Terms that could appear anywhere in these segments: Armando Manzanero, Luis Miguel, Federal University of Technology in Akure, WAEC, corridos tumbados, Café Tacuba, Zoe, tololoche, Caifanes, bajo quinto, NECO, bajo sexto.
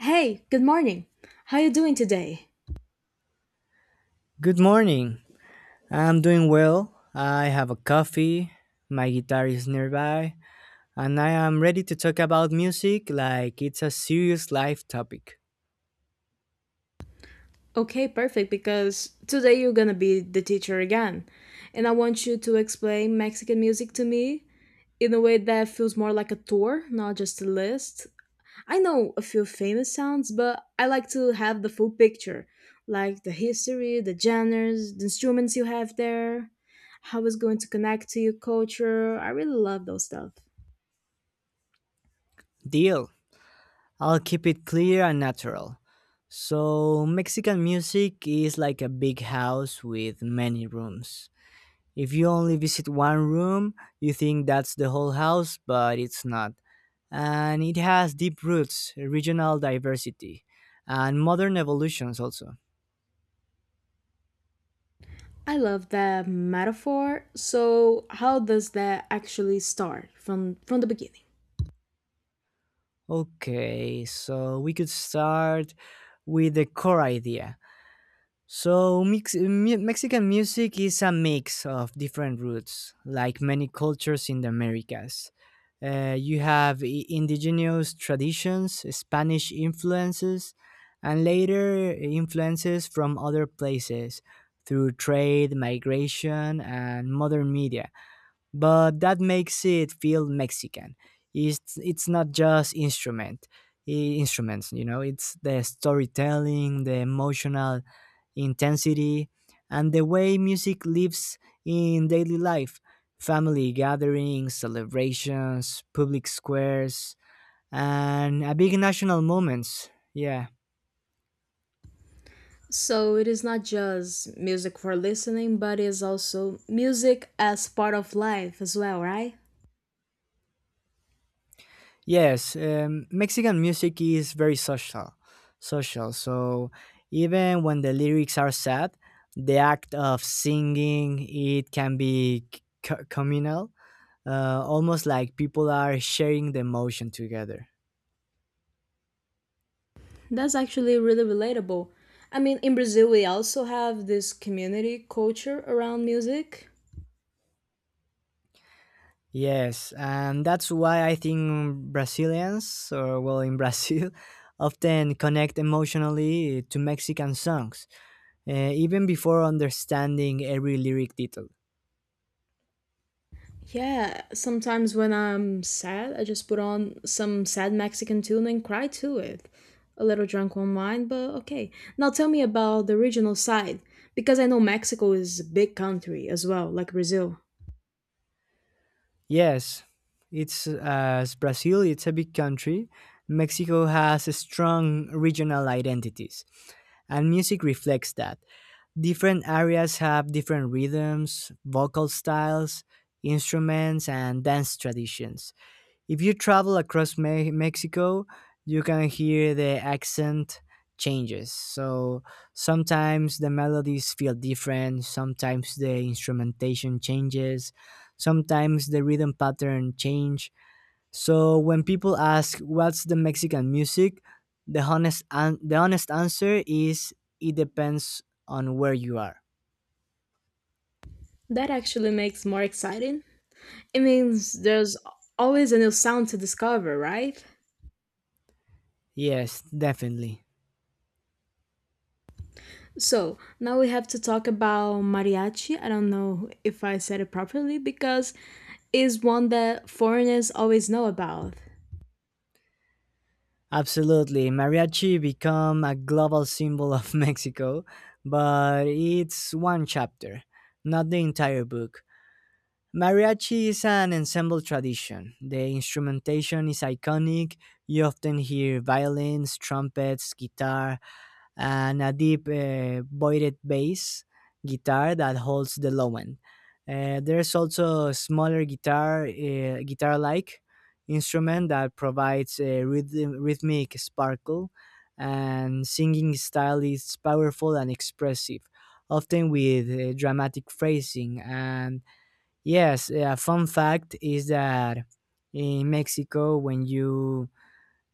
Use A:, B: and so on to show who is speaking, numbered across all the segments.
A: Hey, good morning. How you doing today?
B: Good morning. I'm doing well. I have a coffee, my guitar is nearby, and I am ready to talk about music like it's a serious life topic.
A: Okay, perfect because today you're going to be the teacher again. And I want you to explain Mexican music to me in a way that feels more like a tour, not just a list. I know a few famous sounds, but I like to have the full picture, like the history, the genres, the instruments you have there, how it's going to connect to your culture. I really love those stuff.
B: Deal. I'll keep it clear and natural. So, Mexican music is like a big house with many rooms. If you only visit one room, you think that's the whole house, but it's not. And it has deep roots, regional diversity, and modern evolutions also.
A: I love that metaphor. So, how does that actually start from the beginning?
B: Okay, so we could start with the core idea. So, Mexican music is a mix of different roots, like many cultures in the Americas. You have indigenous traditions, Spanish influences, and later influences from other places through trade, migration, and modern media but that makes it feel Mexican. It's not just instruments, you know. It's the storytelling, the emotional intensity, and the way music lives in daily life, family gatherings, celebrations, public squares, and a big national moments. Yeah.
A: So, it is not just music for listening, but it's also music as part of life as well, right?
B: Yes, Mexican music is very social, social. So even when the lyrics are sad, the act of singing it can be communal, almost like people are sharing the emotion together.
A: That's actually really relatable. I mean, in Brazil, we also have this community culture around music.
B: Yes, and that's why I think Brazilians, or well, in Brazil, often connect emotionally to Mexican songs, even before understanding every lyric detail.
A: Yeah, sometimes when I'm sad, I just put on some sad Mexican tune and cry to it. A little drunk on wine, but okay. Now tell me about the regional side, because I know Mexico is a big country as well, like Brazil.
B: Yes, it's as Brazil, it's a big country. Mexico has strong regional identities, and music reflects that. Different areas have different rhythms, vocal styles, instruments, and dance traditions. If you travel across Mexico, you can hear the accent changes. So sometimes the melodies feel different, sometimes the instrumentation changes, sometimes the rhythm pattern change. So when people ask what's the Mexican music, the honest answer is it depends on where you are.
A: That actually makes more exciting. It means there's always a new sound to discover, right?
B: Yes, definitely.
A: So now we have to talk about mariachi. I don't know if I said it properly because it's one that foreigners always know about.
B: Absolutely. Mariachi become a global symbol of Mexico, but it's one chapter, not the entire book. Mariachi is an ensemble tradition. The instrumentation is iconic. You often hear violins, trumpets, guitar, and a deep voided bass guitar that holds the low end. There's also a smaller guitar, guitar-like instrument that provides a rhythmic sparkle, and singing style is powerful and expressive, often with dramatic phrasing. And yes, a fun fact is that in Mexico,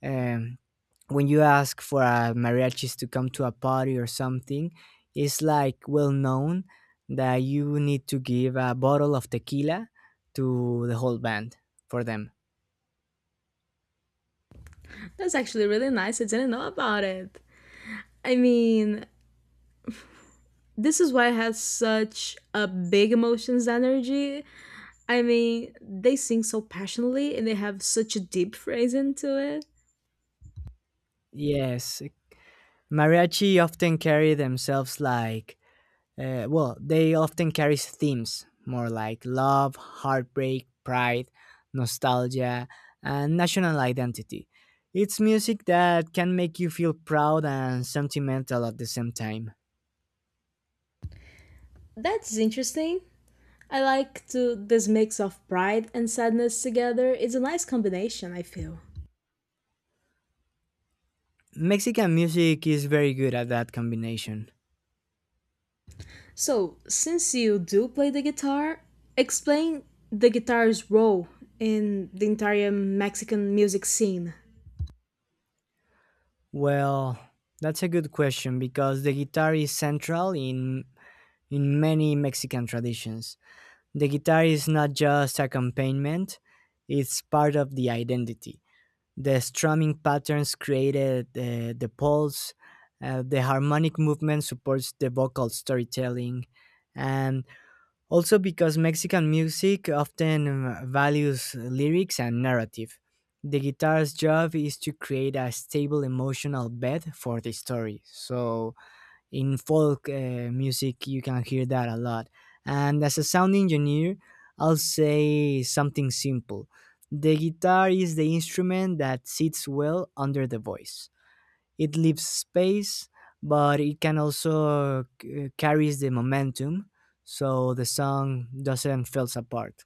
B: um, when you ask for a mariachis to come to a party or something, it's like well known that you need to give a bottle of tequila to the whole band for them.
A: That's actually really nice. I didn't know about it. I mean, this is why it has such a big emotions energy. I mean, they sing so passionately and they have such a deep phrase into it.
B: Yes, mariachi often carry themselves like, they often carry themes more like love, heartbreak, pride, nostalgia, and national identity. It's music that can make you feel proud and sentimental at the same time.
A: That's interesting. I like to this mix of pride and sadness together. It's a nice combination, I feel.
B: Mexican music is very good at that combination.
A: So, since you do play the guitar, explain the guitar's role in the entire Mexican music scene.
B: Well, that's a good question because the guitar is central in many Mexican traditions. The guitar is not just accompaniment, it's part of the identity. The strumming patterns created the pulse, the harmonic movement supports the vocal storytelling, and Also, because Mexican music often values lyrics and narrative, the guitar's job is to create a stable emotional bed for the story. So, in folk music, you can hear that a lot. And as a sound engineer, I'll say something simple the guitar is the instrument that sits well under the voice it leaves space, but it can also carries the momentum, so the song doesn't falls apart.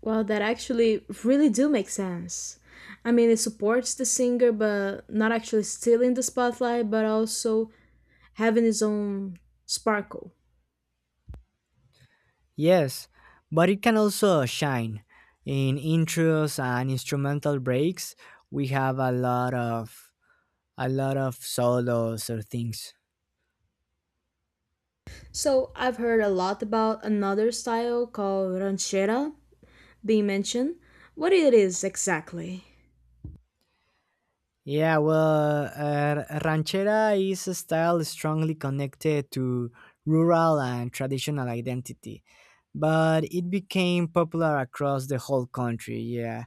A: Well, that actually really do make sense. I mean, it supports the singer, but not actually stealing the spotlight, but also having his own sparkle.
B: Yes, but it can also shine in intros and instrumental breaks. We have a lot of solos or things.
A: So I've heard a lot about another style called ranchera being mentioned. What it is exactly?
B: Yeah, well, ranchera is a style strongly connected to rural and traditional identity, but it became popular across the whole country. Yeah,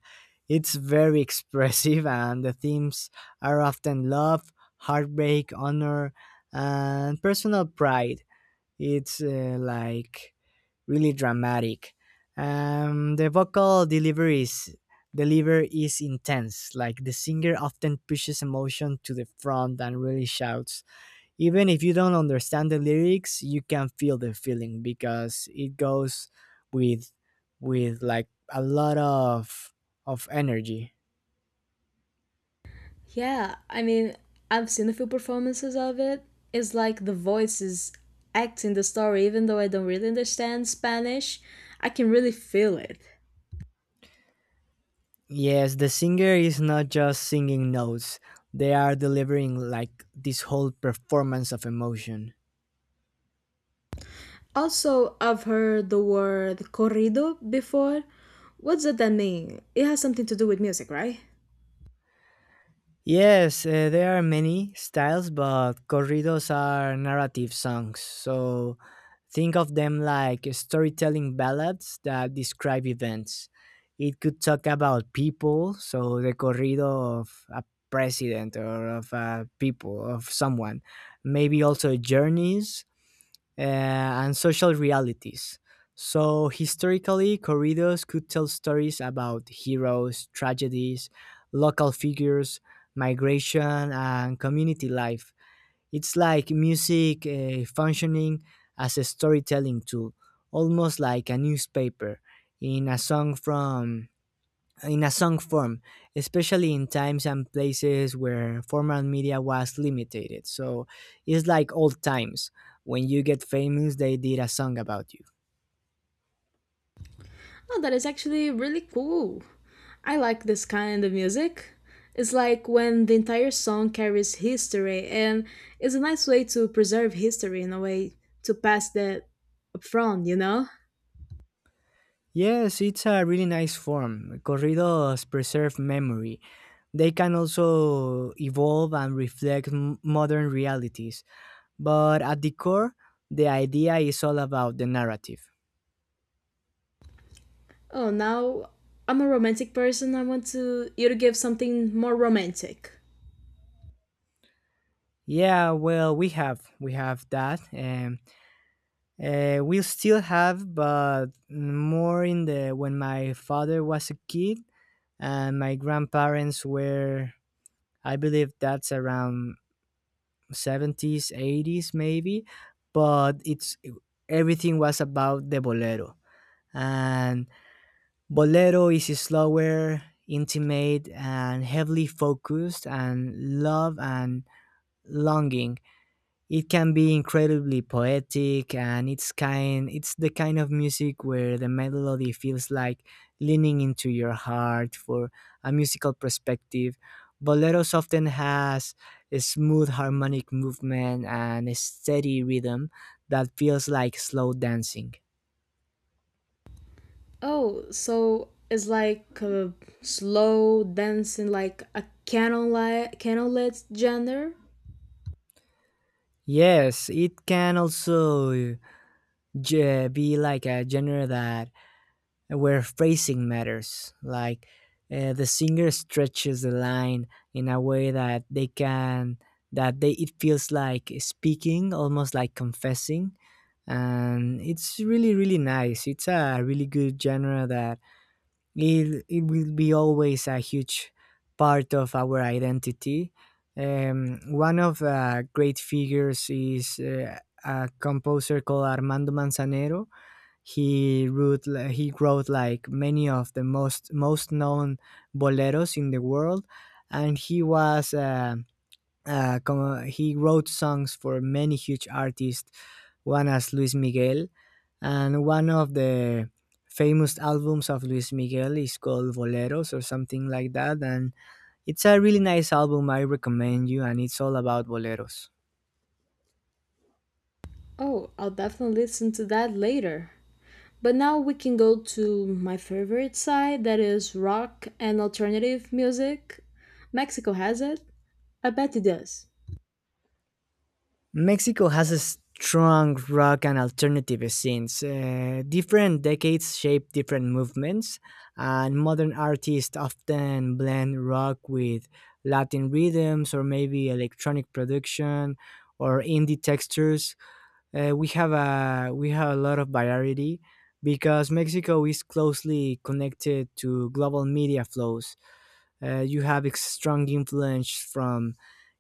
B: it's very expressive, and the themes are often love, heartbreak, honor, and personal pride. It's like really dramatic. The vocal deliveries deliver is intense. Like the singer often pushes emotion to the front and really shouts. Even if you don't understand the lyrics, you can feel the feeling because it goes with with like a lot of energy.
A: Yeah, I mean, I've seen a few performances of it. It's like the voice is acting the story, even though I don't really understand Spanish. I can really feel it.
B: Yes, the singer is not just singing notes. They are delivering like this whole performance of emotion.
A: Also, I've heard the word corrido before. What does that mean? It has something to do with music, right?
B: Yes, there are many styles, but corridos are narrative songs. So think of them like storytelling ballads that describe events. It could talk about people, so the corrido of a president or of a people, of someone. Maybe also journeys, uh, and social realities. So, historically, corridos could tell stories about heroes, tragedies, local figures, migration, and community life. It's like music functioning as a storytelling tool, almost like a newspaper in a song from in a song form, especially in times and places where formal media was limited. So it's like old times. When you get famous, they did a song about you.
A: Oh, that is actually really cool. I like this kind of music. It's like when the entire song carries history, and it's a nice way to preserve history in a way to pass that up front, you know?
B: Yes, it's a really nice form. Corridos preserve memory. They can also evolve and reflect modern realities. But at the core, the idea is all about the narrative.
A: Oh, now I'm a romantic person. I want to you to give something more romantic.
B: Yeah, well, we have that. We still have, but more in the when my father was a kid and my grandparents were. I believe that's around seventies, eighties, maybe. But it's everything was about the bolero, and bolero is slower, intimate, and heavily focused, and love and longing. It can be incredibly poetic, and it's the kind of music where the melody feels like leaning into your heart. For a musical perspective, boleros often has a smooth harmonic movement and a steady rhythm that feels like slow dancing.
A: Oh, so it's like a slow dancing, like a canon light, candlelit genre.
B: Yes, it can also be like a genre that where phrasing matters. Like the singer stretches the line in a way that they can that they it feels like speaking, almost like confessing, and it's really nice. It's a really good genre that it will be always a huge part of our identity. One of great figures is a composer called Armando Manzanero. He wrote like many of the most known boleros in the world, and he was he wrote songs for many huge artists, one as Luis Miguel, and one of the famous albums of Luis Miguel is called Boleros or something like that, and it's a really nice album. I recommend you, and it's all about boleros.
A: Oh, I'll definitely listen to that later. But now we can go to my favorite side, that is rock and alternative music. Mexico has it. I bet it does.
B: Mexico has a strong rock and alternative scenes. Different decades shape different movements, and modern artists often blend rock with Latin rhythms or maybe electronic production or indie textures. We have a lot of variety because Mexico is closely connected to global media flows. You have a strong influence from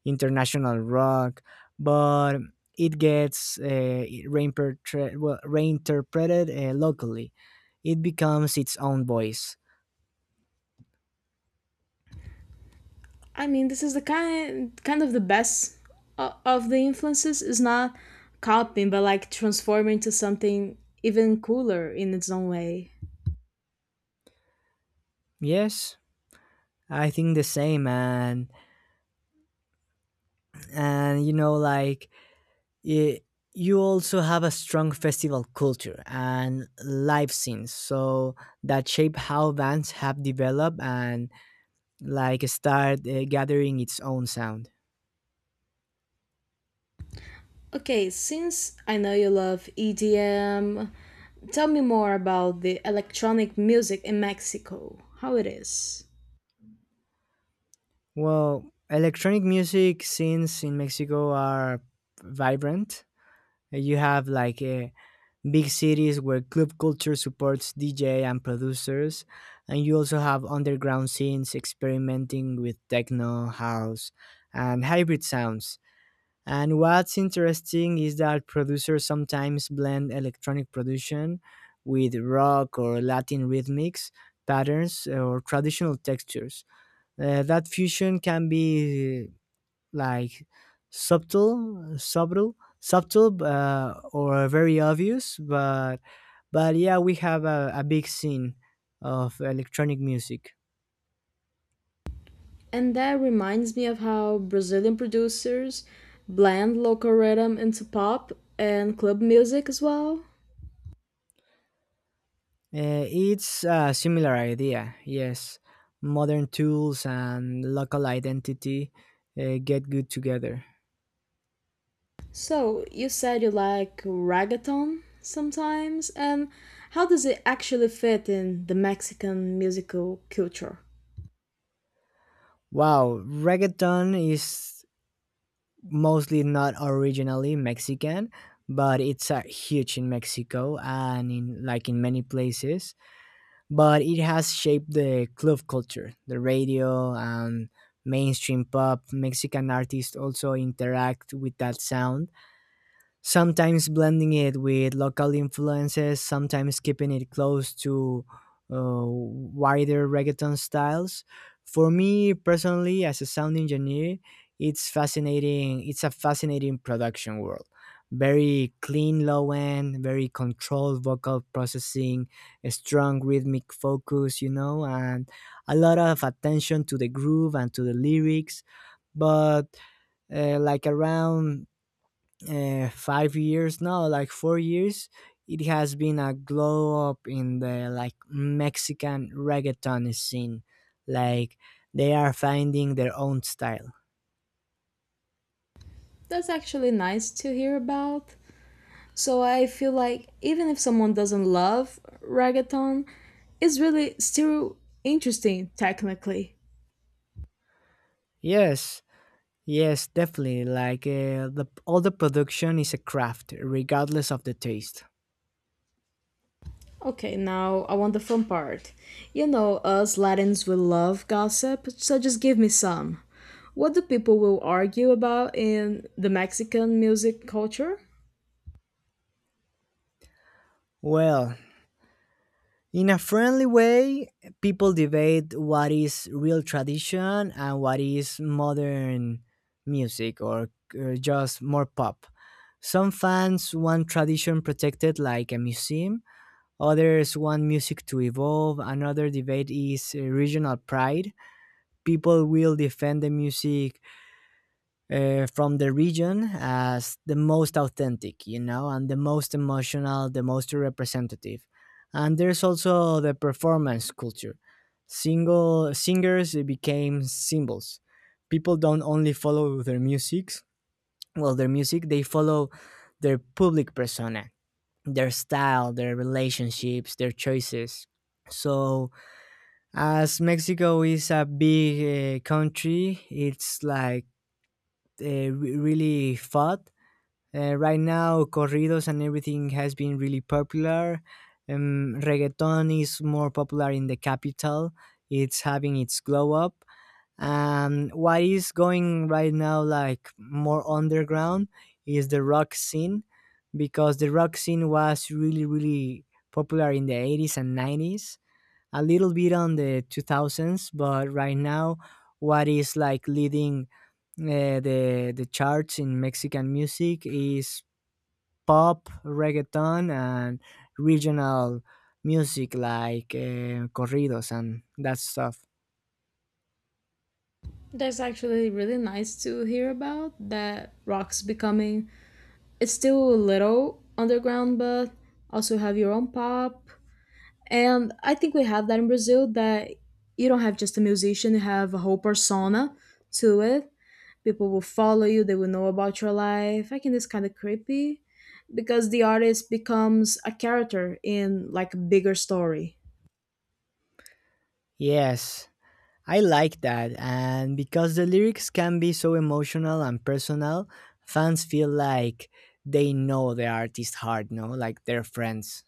B: international rock, but it gets reinterpreted locally. It becomes its own voice.
A: I mean, this is the kind of the best of the influences. Is not copying, but like transforming to something even cooler in its own way.
B: Yes, I think the same, and you know, like it, you also have a strong festival culture and live scenes, so that shape how bands have developed and like start gathering its own sound.
A: Okay, since I know you love EDM, tell me more about the electronic music in Mexico, how it is.
B: Well, electronic music scenes in Mexico are vibrant. You have like big cities where club culture supports DJ and producers, and you also have underground scenes experimenting with techno, house, and hybrid sounds. And what's interesting is that producers sometimes blend electronic production with rock or Latin rhythmics, patterns, or traditional textures. That fusion can be like subtle subtle or very obvious, but yeah we have a big scene of electronic music.
A: And that reminds me of how Brazilian producers blend local rhythm into pop and club music as well.
B: It's a similar idea yes modern tools and local identity get good together.
A: So, you said you like reggaeton sometimes, and how does it actually fit in the Mexican musical culture?
B: Wow, reggaeton is mostly not originally Mexican, but it's huge in Mexico and in many places but it has shaped the club culture, the radio, and mainstream pop. Mexican artists also interact with that sound sometimes blending it with local influences, sometimes keeping it close to wider reggaeton styles. For me personally, as a sound engineer, it's fascinating. It's a fascinating production world. Very clean low end, very controlled vocal processing, a strong rhythmic focus, you know, and a lot of attention to the groove and to the lyrics. But like around 5 years now, like 4 years, it has been a glow up in the like Mexican reggaeton scene. Like they are finding their own style.
A: That's actually nice to hear about. So I feel like even if someone doesn't love reggaeton, it's really still interesting technically.
B: Yes, yes, definitely. Like the all the production is a craft, regardless of the taste.
A: Okay, now I want the fun part. You know, us Latins will love gossip, so just give me some. What do people will argue about in the Mexican music culture?
B: Well, in a friendly way, people debate what is real tradition and what is modern music or just more pop. Some fans want tradition protected like a museum, others want music to evolve. Another debate is regional pride. People will defend the music from the region as the most authentic, you know, and the most emotional, the most representative. And there's also the performance culture. Single singers became symbols. People don't only follow their music, they follow their public persona, their style, their relationships, their choices. So, as Mexico is a big country, it's like really fought right now, corridos and everything has been really popular. Reggaeton is more popular in the capital. It's having its glow up. And what is going right now, like more underground, is the rock scene because the rock scene was really, really popular in the 80s and 90s, a little bit on the 2000s, but right now, what is like leading the charts in Mexican music is pop, reggaeton, and regional music like corridos and that stuff.
A: That's actually really nice to hear about that rock's becoming. It's still a little underground, but also have your own pop, and I think we have that in Brazil that you don't have just a musician, you have a whole persona to it. People will follow you, they will know about your life. I think it's kind of creepy because the artist becomes a character in like a bigger story.
B: Yes, I like that. And because the lyrics can be so emotional and personal, fans feel like they know the artist hard, no? Like they're friends.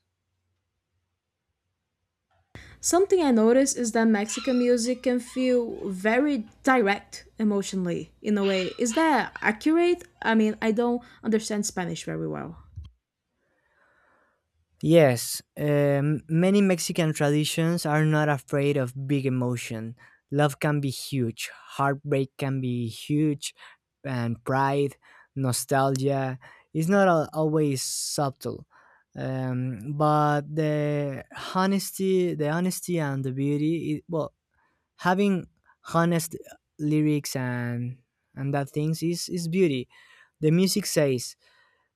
A: Something I noticed is that Mexican music can feel very direct emotionally in a way. Is that accurate? I mean, I don't understand Spanish very well.
B: Yes, many Mexican traditions are not afraid of big emotion. Love can be huge, heartbreak can be huge, and pride, nostalgia is not al- always subtle. But the honesty and the beauty, having honest lyrics and that things is beauty. The music says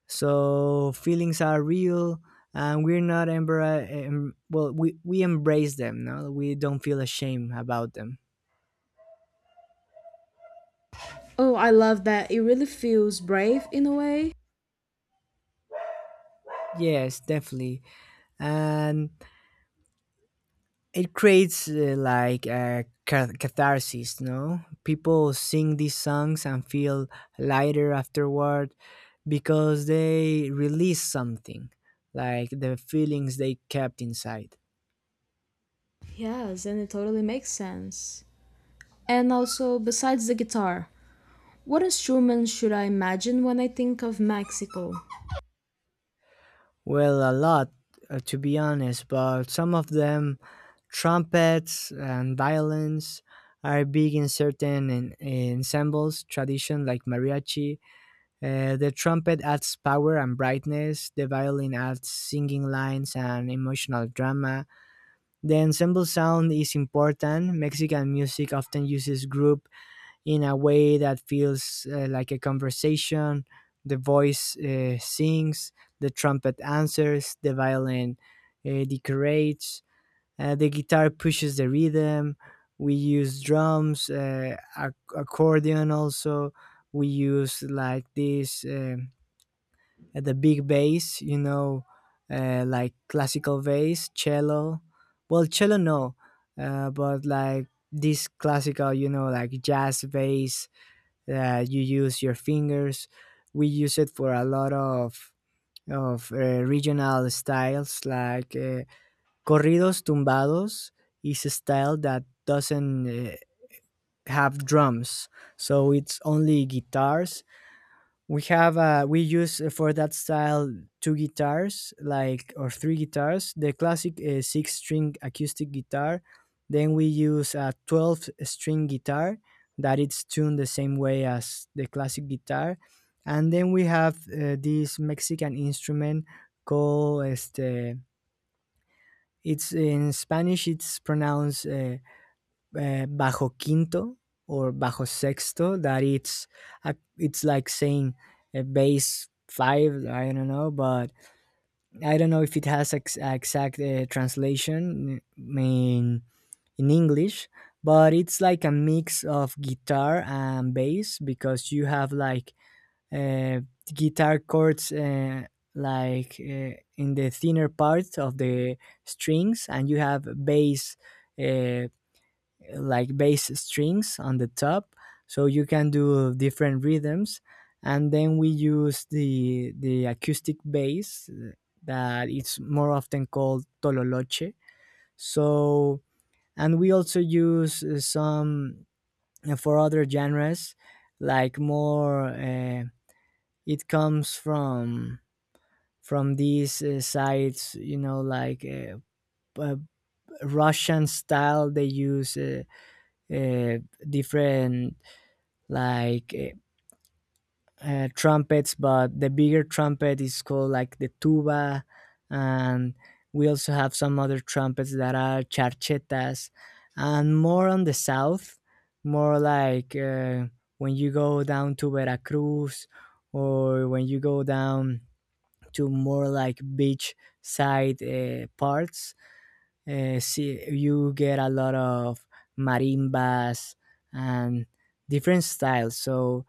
B: so feelings are real and we're not embra- em- well we embrace them, no, we don't feel ashamed about them.
A: Oh, I love that. It really feels brave in a way.
B: Yes, definitely. And it creates like a catharsis, no? People sing these songs and feel lighter afterward because they release something like the feelings they kept inside.
A: Yes, and it totally makes sense. And also, besides the guitar, what instruments should I imagine when I think of Mexico?
B: Well, a lot, to be honest, but some of them, trumpets and violins, are big in certain ensembles, tradition like mariachi. The trumpet adds power and brightness, the violin adds singing lines and emotional drama. The ensemble sound is important. Mexican music often uses group in a way that feels like a conversation. The voice sings, the trumpet answers, the violin decorates, the guitar pushes the rhythm. We use drums, accordion also. We use like this the big bass, you know, like classical bass, cello. Well, cello no, but like this classical, you know, like jazz bass that you use your fingers. We use it for a lot of regional styles like corridos tumbados is a style that doesn't have drums, so it's only guitars. We have we use for that style two guitars, like, or three guitars, the classic six string acoustic guitar. Then we use a 12 string guitar that it's tuned the same way as the classic guitar. And then we have this Mexican instrument called este. It's in Spanish, it's pronounced bajo quinto or bajo sexto, that it's a, it's like saying a bass five, I don't know, but I don't know if it has exact translation in English. But it's like a mix of guitar and bass because you have like, uh, guitar chords, in the thinner part of the strings, and you have bass, uh, like bass strings on the top, so you can do different rhythms. And then we use the acoustic bass, that it's more often called tololoche. So, and we also use some for other genres, like more, it comes from these sites, you know, like uh, Russian style. They use uh, different, like eh, trumpets, but the bigger trumpet is called like the tuba, and we also have some other trumpets that are charchetas, and more on the south, more like, when you go down to Veracruz, or when you go down to more like beach side parts, see, you get a lot of marimbas and different styles. So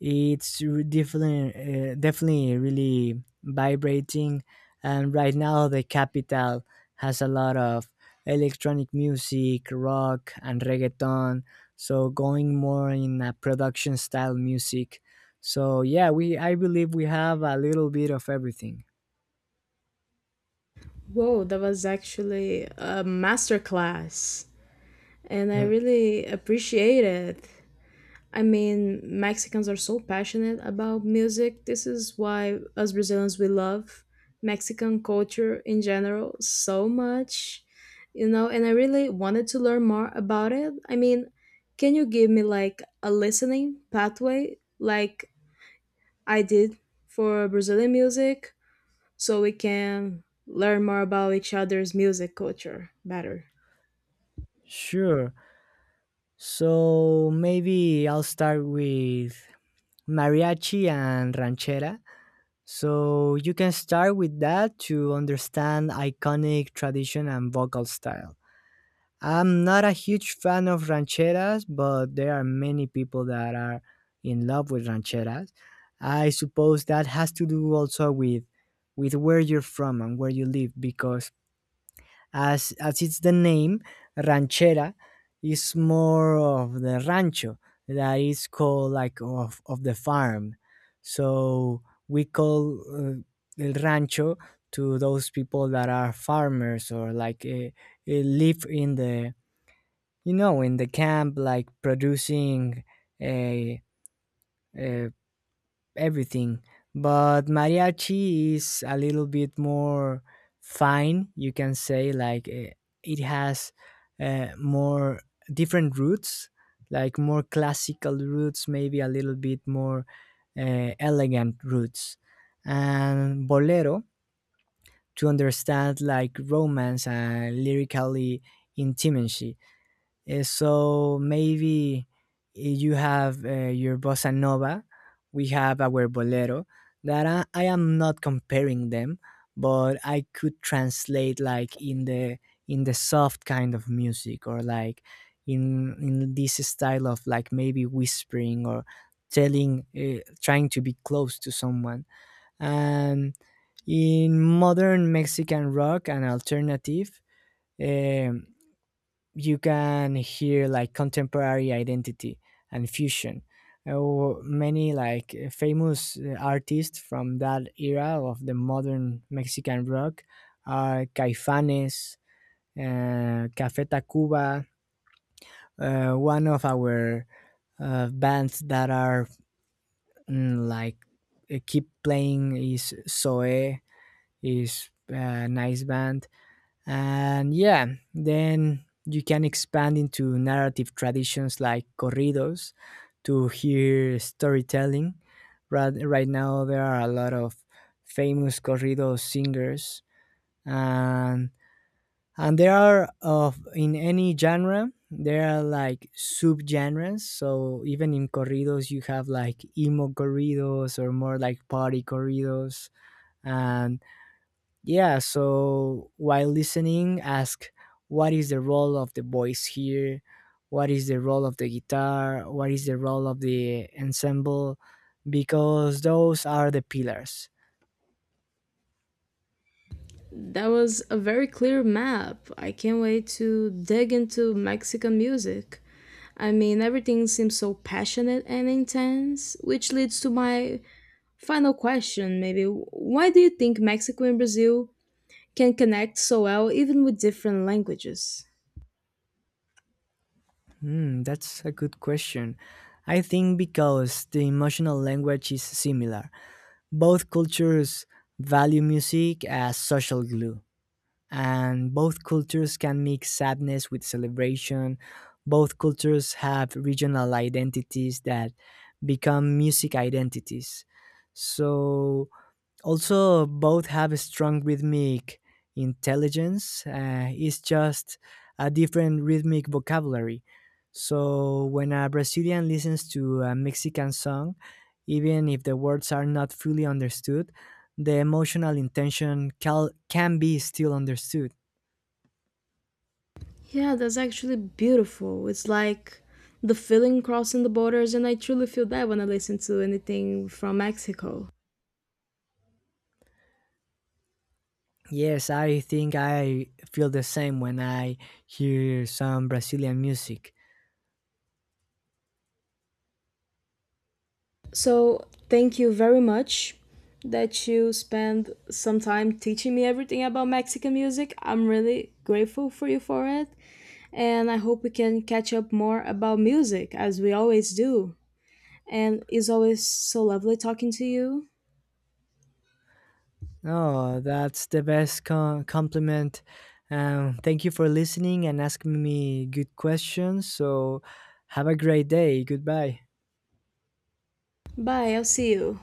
B: it's definitely really vibrating, and right now the capital has a lot of electronic music, rock, and reggaeton. So going more in a production style music. So yeah, we I believe we have a little bit of everything.
A: Whoa, that was actually a masterclass, and I really appreciate it. I mean, Mexicans are so passionate about music. This is why us Brazilians we love Mexican culture in general so much. You know, and I really wanted to learn more about it. I mean, can you give me like a listening pathway like I did for Brazilian music so we can learn more about each other's music culture better?
B: Sure. So maybe I'll start with mariachi and ranchera. So you can start with that to understand iconic tradition and vocal style. I'm not a huge fan of rancheras, but there are many people that are in love with rancheras. I suppose that has to do also with where you're from and where you live, because as it's the name, ranchera is more of the rancho, that is called like of the farm. So we call el rancho to those people that are farmers, or like live in the, you know, in the camp, like producing uh, uh, everything. But mariachi is a little bit more fine, you can say, like, eh, it has more different roots, like more classical roots, maybe a little bit more elegant roots. And bolero to understand like romance and lyrically intimacy. So maybe, eh, you have, your bossa nova, we have our bolero. That I am not comparing them, but I could translate like in the soft kind of music, or like in this style of like maybe whispering or telling, trying to be close to someone. And in modern Mexican rock and alternative, um, you can hear like contemporary identity and fusion. Oh, many like famous artists from that era of the modern Mexican rock are Caifanes, Café Tacuba. One of our bands that are mm, like keep playing is Zoe, is a nice band. And yeah, then you can expand into narrative traditions like corridos to hear storytelling. Right, right now, there are a lot of famous corrido singers, and there are of in any genre there are like subgenres. So even in corridos, you have like emo corridos or more like party corridos, and yeah, so while listening, ask, what is the role of the voice here? What is the role of the guitar? What is the role of the ensemble? Because those are the pillars.
A: That was a very clear map. I can't wait to dig into Mexican music. I mean, everything seems so passionate and intense, which leads to my final question maybe. Why do you think Mexico and Brazil can connect so well even with different languages?
B: Hmm, that's a good question. I think because the emotional language is similar, both cultures value music as social glue, and both cultures can mix sadness with celebration. Both cultures have regional identities that become music identities. So also, both have a strong rhythmic intelligence. It's just a different rhythmic vocabulary. So, when a Brazilian listens to a Mexican song, even if the words are not fully understood, the emotional intention can be still understood.
A: Yeah, that's actually beautiful. It's like the feeling crossing the borders, and I truly feel that when I listen to anything from Mexico.
B: Yes, I think I feel the same when I hear some Brazilian music.
A: So, thank you very much that you spend some time teaching me everything about Mexican music. I'm really grateful for you for it. And I hope we can catch up more about music as we always do. And it's always so lovely talking to you.
B: Oh, that's the best compliment. Thank you for listening and asking me good questions. So, have a great day. Goodbye.
A: Bye, I'll see you.